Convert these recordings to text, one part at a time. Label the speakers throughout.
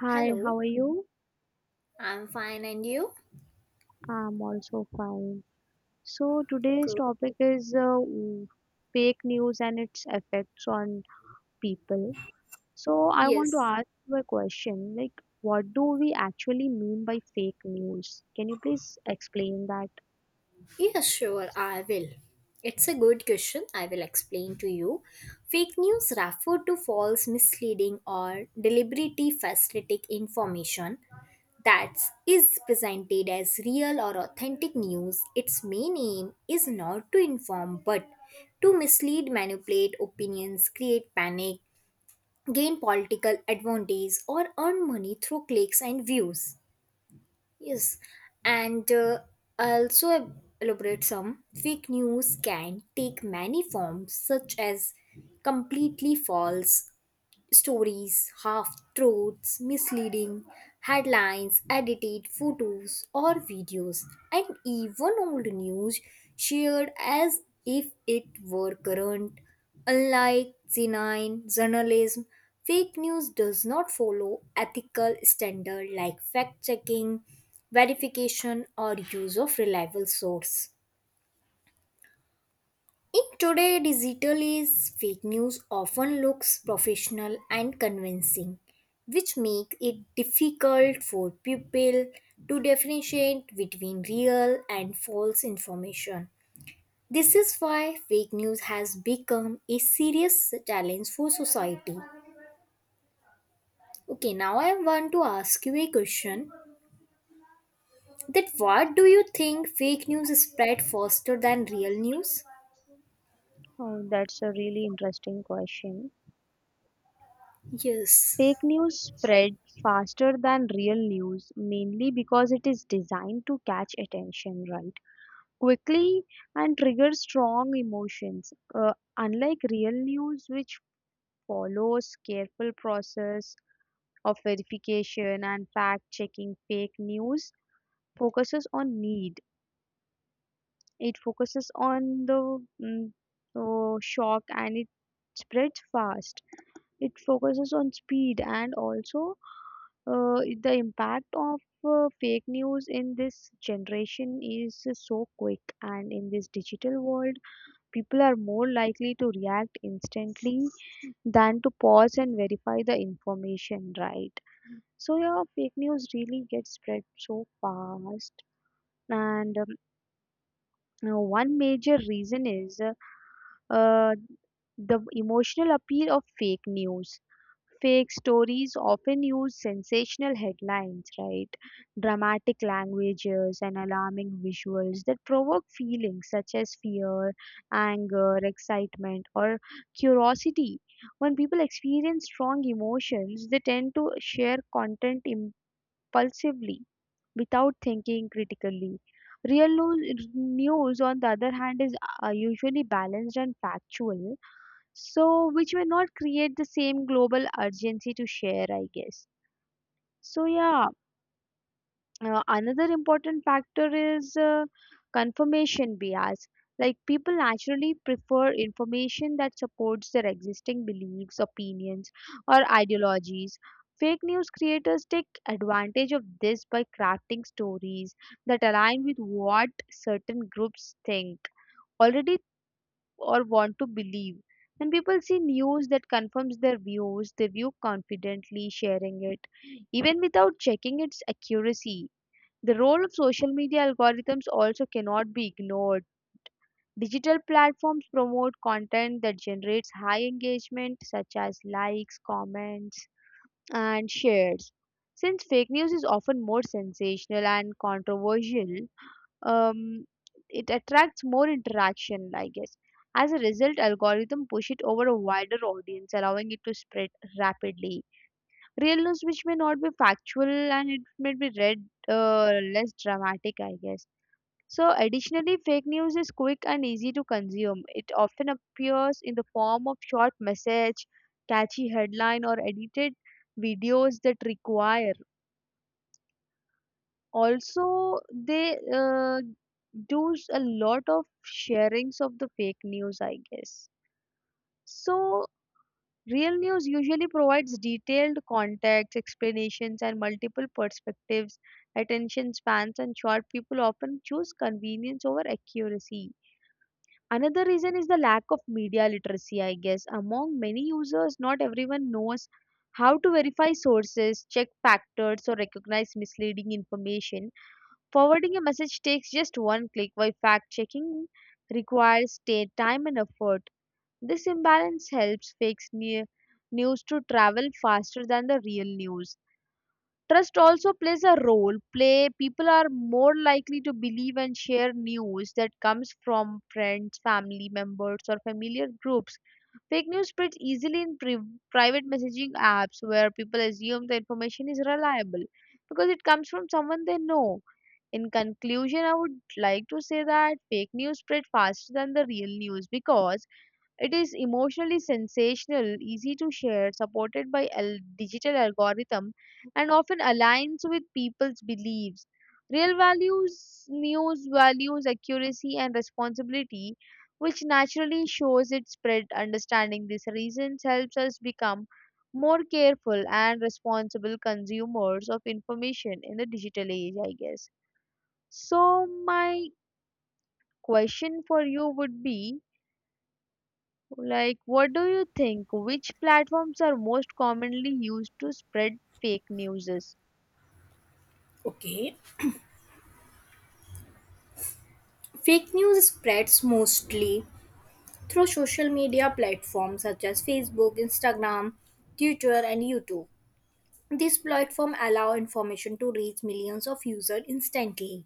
Speaker 1: Hi, how
Speaker 2: Hello,
Speaker 1: are you?
Speaker 2: I'm fine and you?
Speaker 1: I'm also fine. So today's
Speaker 2: Good.
Speaker 1: topic is w- fake news and its effects on people. So I want to
Speaker 2: Yes.
Speaker 1: ask you a question, like what do we actually mean by fake news? Can you please explain that?
Speaker 2: Yes, sure, I will. It's a good question. I will explain to you. Fake news refer to false, misleading, or deliberately falsified information that is presented as real or authentic news. Its main aim is not to inform but to mislead, manipulate opinions, create panic, gain political advantage, or earn money through clicks and views. Yes, and I'll also elaborate some. Fake news can take many forms, such as completely false, stories, half truths, misleading headlines, edited photos or videos, and even old news shared as if it were current. Unlike benign journalism, fake news does not follow ethical standards like fact checking, verification, or use of reliable source. In today's digital age, fake news often looks professional and convincing, which makes it difficult for people to differentiate between real and false information. This is why fake news has become a serious challenge for society. Okay, now I want to ask you a question. That what do you think fake news spread faster than real news?
Speaker 1: Oh, that's a really interesting question.
Speaker 2: Yes.
Speaker 1: Fake news spreads faster than real news, mainly because it is designed to catch attention, right? Quickly and trigger strong emotions. Unlike real news, which follows careful process of verification and fact checking, fake news focuses on need. It focuses on the shock and it spreads fast. It focuses on speed and also the impact of fake news in this generation is so quick, and in this digital world people are more likely to react instantly than to pause and verify the information, right? So, yeah, fake news really gets spread so fast. And One major reason is uh, the emotional appeal of fake news. Fake stories often use sensational headlines, right? Dramatic languages and alarming visuals that provoke feelings such as fear, anger, excitement, or curiosity. When people experience strong emotions, they tend to share content impulsively without thinking critically. News, on the other hand, is usually balanced and factual, so which may not create the same global urgency to share, I guess. So yeah, another important factor is confirmation bias. Like, people naturally prefer information that supports their existing beliefs, opinions, or ideologies. Fake news creators take advantage of this by crafting stories that align with what certain groups think already or want to believe. When people see news that confirms their views, they view confidently sharing it, even without checking its accuracy. The role of social media algorithms also cannot be ignored. Digital platforms promote content that generates high engagement, such as likes, comments, and shares. Since fake news is often more sensational and controversial, um, it attracts more interaction, I guess. As a result, algorithm push it over a wider audience, allowing it to spread rapidly. Real news, which may not be factual and it may be read less dramatic, I guess. So additionally, fake news is quick and easy to consume. It often appears in the form of short message, catchy headline, or edited videos that require. Also they a lot of sharings of the fake news, I guess. So real news usually provides detailed context, explanations, and multiple perspectives. Attention spans and short, people often choose convenience over accuracy. Another reason is the lack of media literacy, I guess, among many users. Not everyone knows how to verify sources, check factors, or recognize misleading information. Forwarding a message takes just one click, while fact checking requires time and effort. This imbalance helps news to travel faster than the real news. Trust also plays a role. Play people are more likely to believe and share news that comes from friends, family members, or familiar groups. Fake news spreads easily in private messaging apps where people assume the information is reliable because it comes from someone they know. In conclusion, I would like to say that fake news spread faster than the real news because it is emotionally sensational, easy to share, supported by a digital algorithm, and often aligns with people's beliefs. Real values news values accuracy and responsibility, which naturally shows its spread. Understanding these reasons helps us become more careful and responsible consumers of information in the digital age, I guess. So my question for you would be like, what do you think, which platforms are most commonly used to spread fake newses?
Speaker 2: Okay. Fake news spreads mostly through social media platforms such as Facebook, Instagram, Twitter, and YouTube. These platforms allow information to reach millions of users instantly.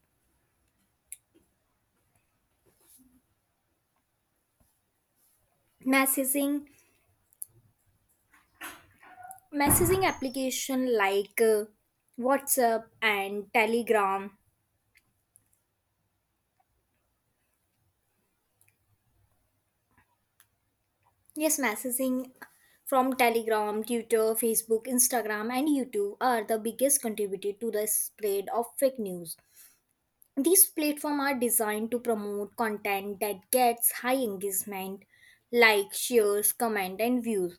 Speaker 2: Messaging, messaging application like WhatsApp and Telegram. Yes, messaging from Telegram, Twitter, Facebook, Instagram, and YouTube are the biggest contributor to the spread of fake news. These platforms are designed to promote content that gets high engagement, like shares, comment, and views.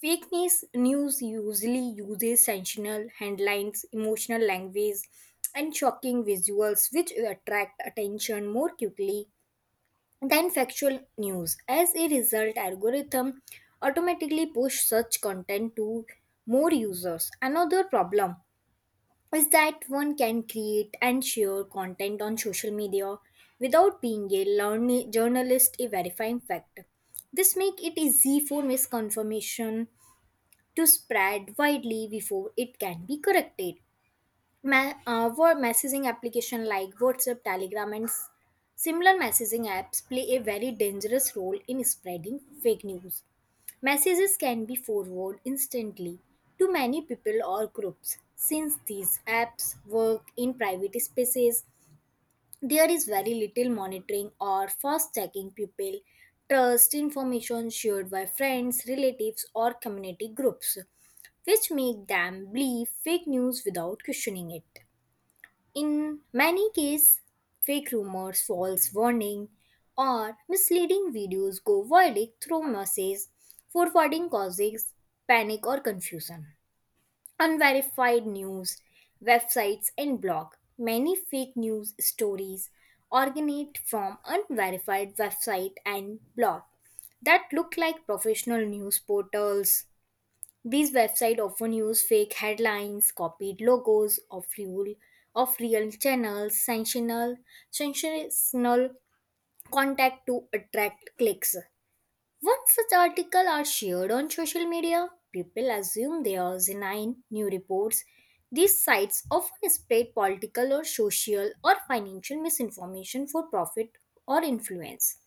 Speaker 2: Fake news usually uses sensational headlines, emotional language, and shocking visuals, which attract attention more quickly than factual news. As a result, algorithm automatically push such content to more users. Another problem is that one can create and share content on social media without being a journalist a verifying fact. This makes it easy for misconfirmation to spread widely before it can be corrected. Were messaging application like WhatsApp, Telegram, and similar messaging apps play a very dangerous role in spreading fake news. Messages can be forwarded instantly to many people or groups. Since these apps work in private spaces, there is very little monitoring or fast checking people trust information shared by friends, relatives, or community groups, which make them believe fake news without questioning it. In many cases, fake rumors, false warning, or misleading videos go viral through messages, forwarding causes panic or confusion. Unverified news, websites, and blog. Many fake news stories originate from unverified website and blog that look like professional news portals. These websites often use fake headlines, copied logos of real channels, sensational contact to attract clicks. Once such articles are shared on social media, people assume they are genuine new reports. These sites often spread political or social or financial misinformation for profit or influence.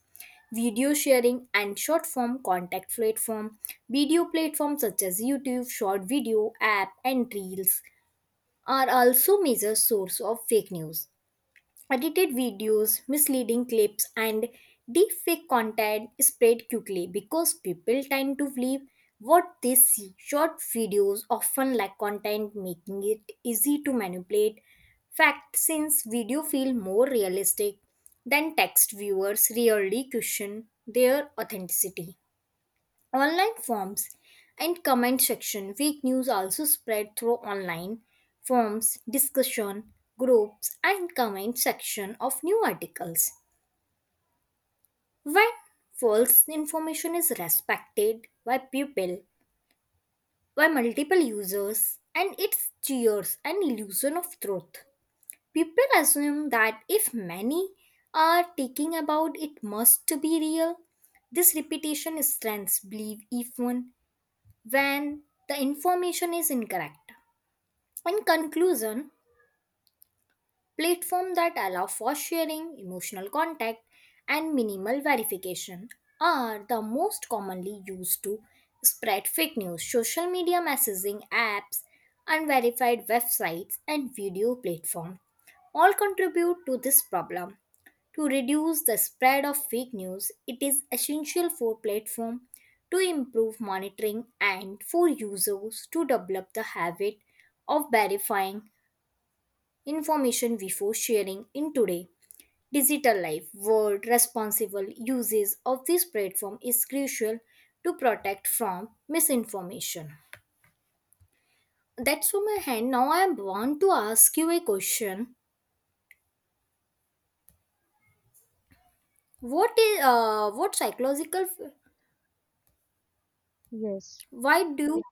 Speaker 2: Video sharing and short form contact platform. Video platforms such as YouTube, short video app and reels are also major source of fake news. Edited videos, misleading clips, and deepfake content spread quickly because people tend to believe what they see. Short videos often lack content, making it easy to manipulate fact since video feel more realistic than text. Viewers rarely question their authenticity. Online forums and comment section. Fake news also spread through online forums, discussion groups, and comment section of new articles. When false information is respected by people, by multiple users, and it's cheers an illusion of truth. People assume that if many are taking about it must be real. This repetition strengthens belief even when the information is incorrect. In conclusion, platforms that allow for sharing, emotional contact, and minimal verification are the most commonly used to spread fake news. Social media messaging apps, unverified websites, and video platforms all contribute to this problem. To reduce the spread of fake news, it is essential for platforms to improve monitoring and for users to develop the habit of verifying information before sharing in today. Digital life world responsible uses of this platform is crucial to protect from misinformation. That's from my hand. Now I want to ask you a question. What is what psychological
Speaker 1: Yes.
Speaker 2: Why do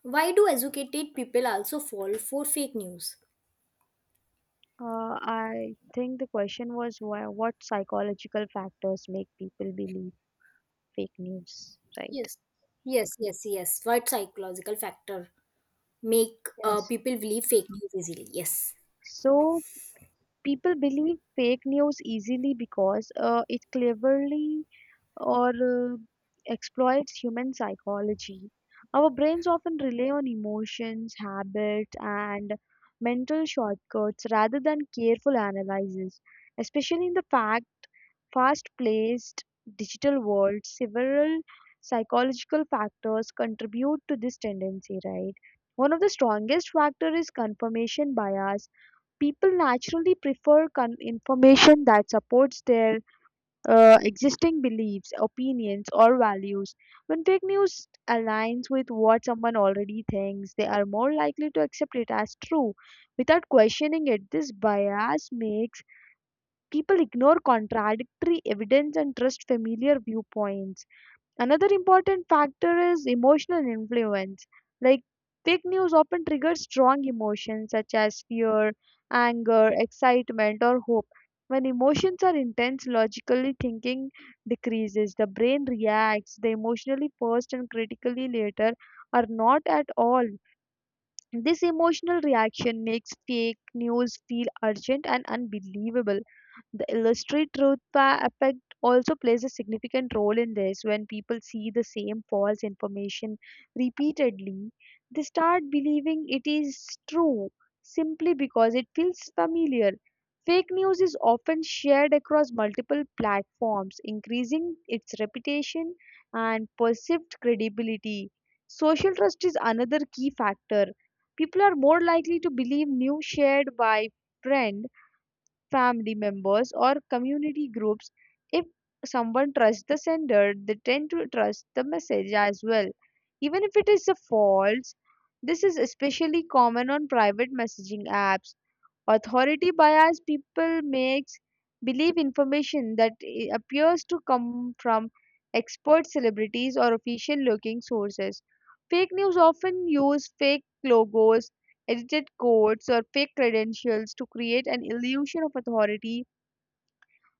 Speaker 2: why do educated people also fall for fake news?
Speaker 1: I think the question was why, what psychological factors make people believe fake news, right?
Speaker 2: Yes. Yes, yes, yes. What psychological factor make
Speaker 1: Yes.
Speaker 2: people believe fake news easily? Yes.
Speaker 1: So people believe fake news easily because it cleverly or exploits human psychology. Our brains often rely on emotions, habits, and mental shortcuts rather than careful analysis. Especially in the fact, fast-paced digital world, several psychological factors contribute to this tendency, right? One of the strongest factor is confirmation bias. People naturally prefer information that supports their existing beliefs, opinions, or values. When fake news aligns with what someone already thinks, they are more likely to accept it as true without questioning it. This bias makes people ignore contradictory evidence and trust familiar viewpoints. Another important factor is emotional influence. Like, fake news often triggers strong emotions such as fear, anger, excitement, or hope. When emotions are intense, logically thinking decreases. The brain reacts. The emotionally first and critically later are not at all. This emotional reaction makes fake news feel urgent and unbelievable. The illustrated effect also plays a significant role in this. When people see the same false information repeatedly, they start believing it is true simply because it feels familiar. Fake news is often shared across multiple platforms, increasing its reputation and perceived credibility. Social trust is another key factor. People are more likely to believe news shared by friend, family members, or community groups. If someone trusts the sender, they tend to trust the message as well. Even if it is a false, this is especially common on private messaging apps. Authority bias people makes believe information that appears to come from expert celebrities or official looking sources. Fake news often use fake logos, edited codes, or fake credentials to create an illusion of authority,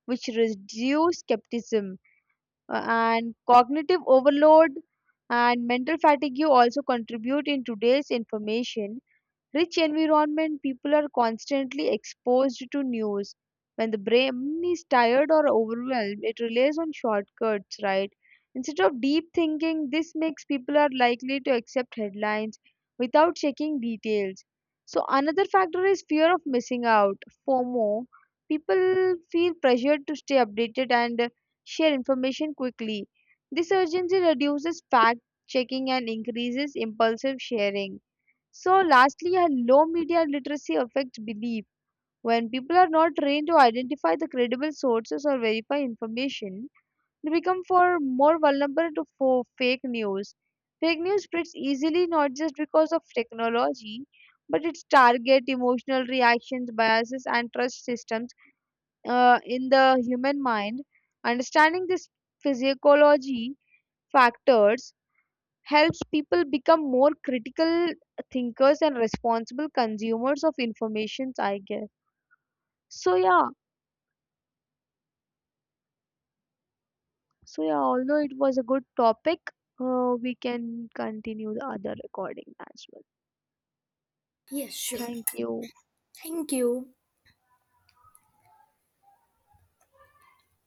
Speaker 1: which reduce skepticism. And cognitive overload and mental fatigue also contribute. In today's information rich environment, people are constantly exposed to news. When the brain is tired or overwhelmed, it relies on shortcuts, right? Instead of deep thinking, this makes people are likely to accept headlines without checking details. So another factor is fear of missing out, FOMO. People feel pressured to stay updated and share information quickly. This urgency reduces fact checking and increases impulsive sharing. So lastly, a low media literacy affects belief. When people are not trained to identify the credible sources or verify information, they become for more vulnerable to for fake news. Fake news spreads easily not just because of technology, but its target emotional reactions, biases, and trust systems in the human mind. Understanding this physiology factors helps people become more critical thinkers and responsible consumers of information, I guess. So yeah. So yeah, although it was a good topic, we can continue the other recording as well.
Speaker 2: Yes, sure.
Speaker 1: Thank you.
Speaker 2: Thank you.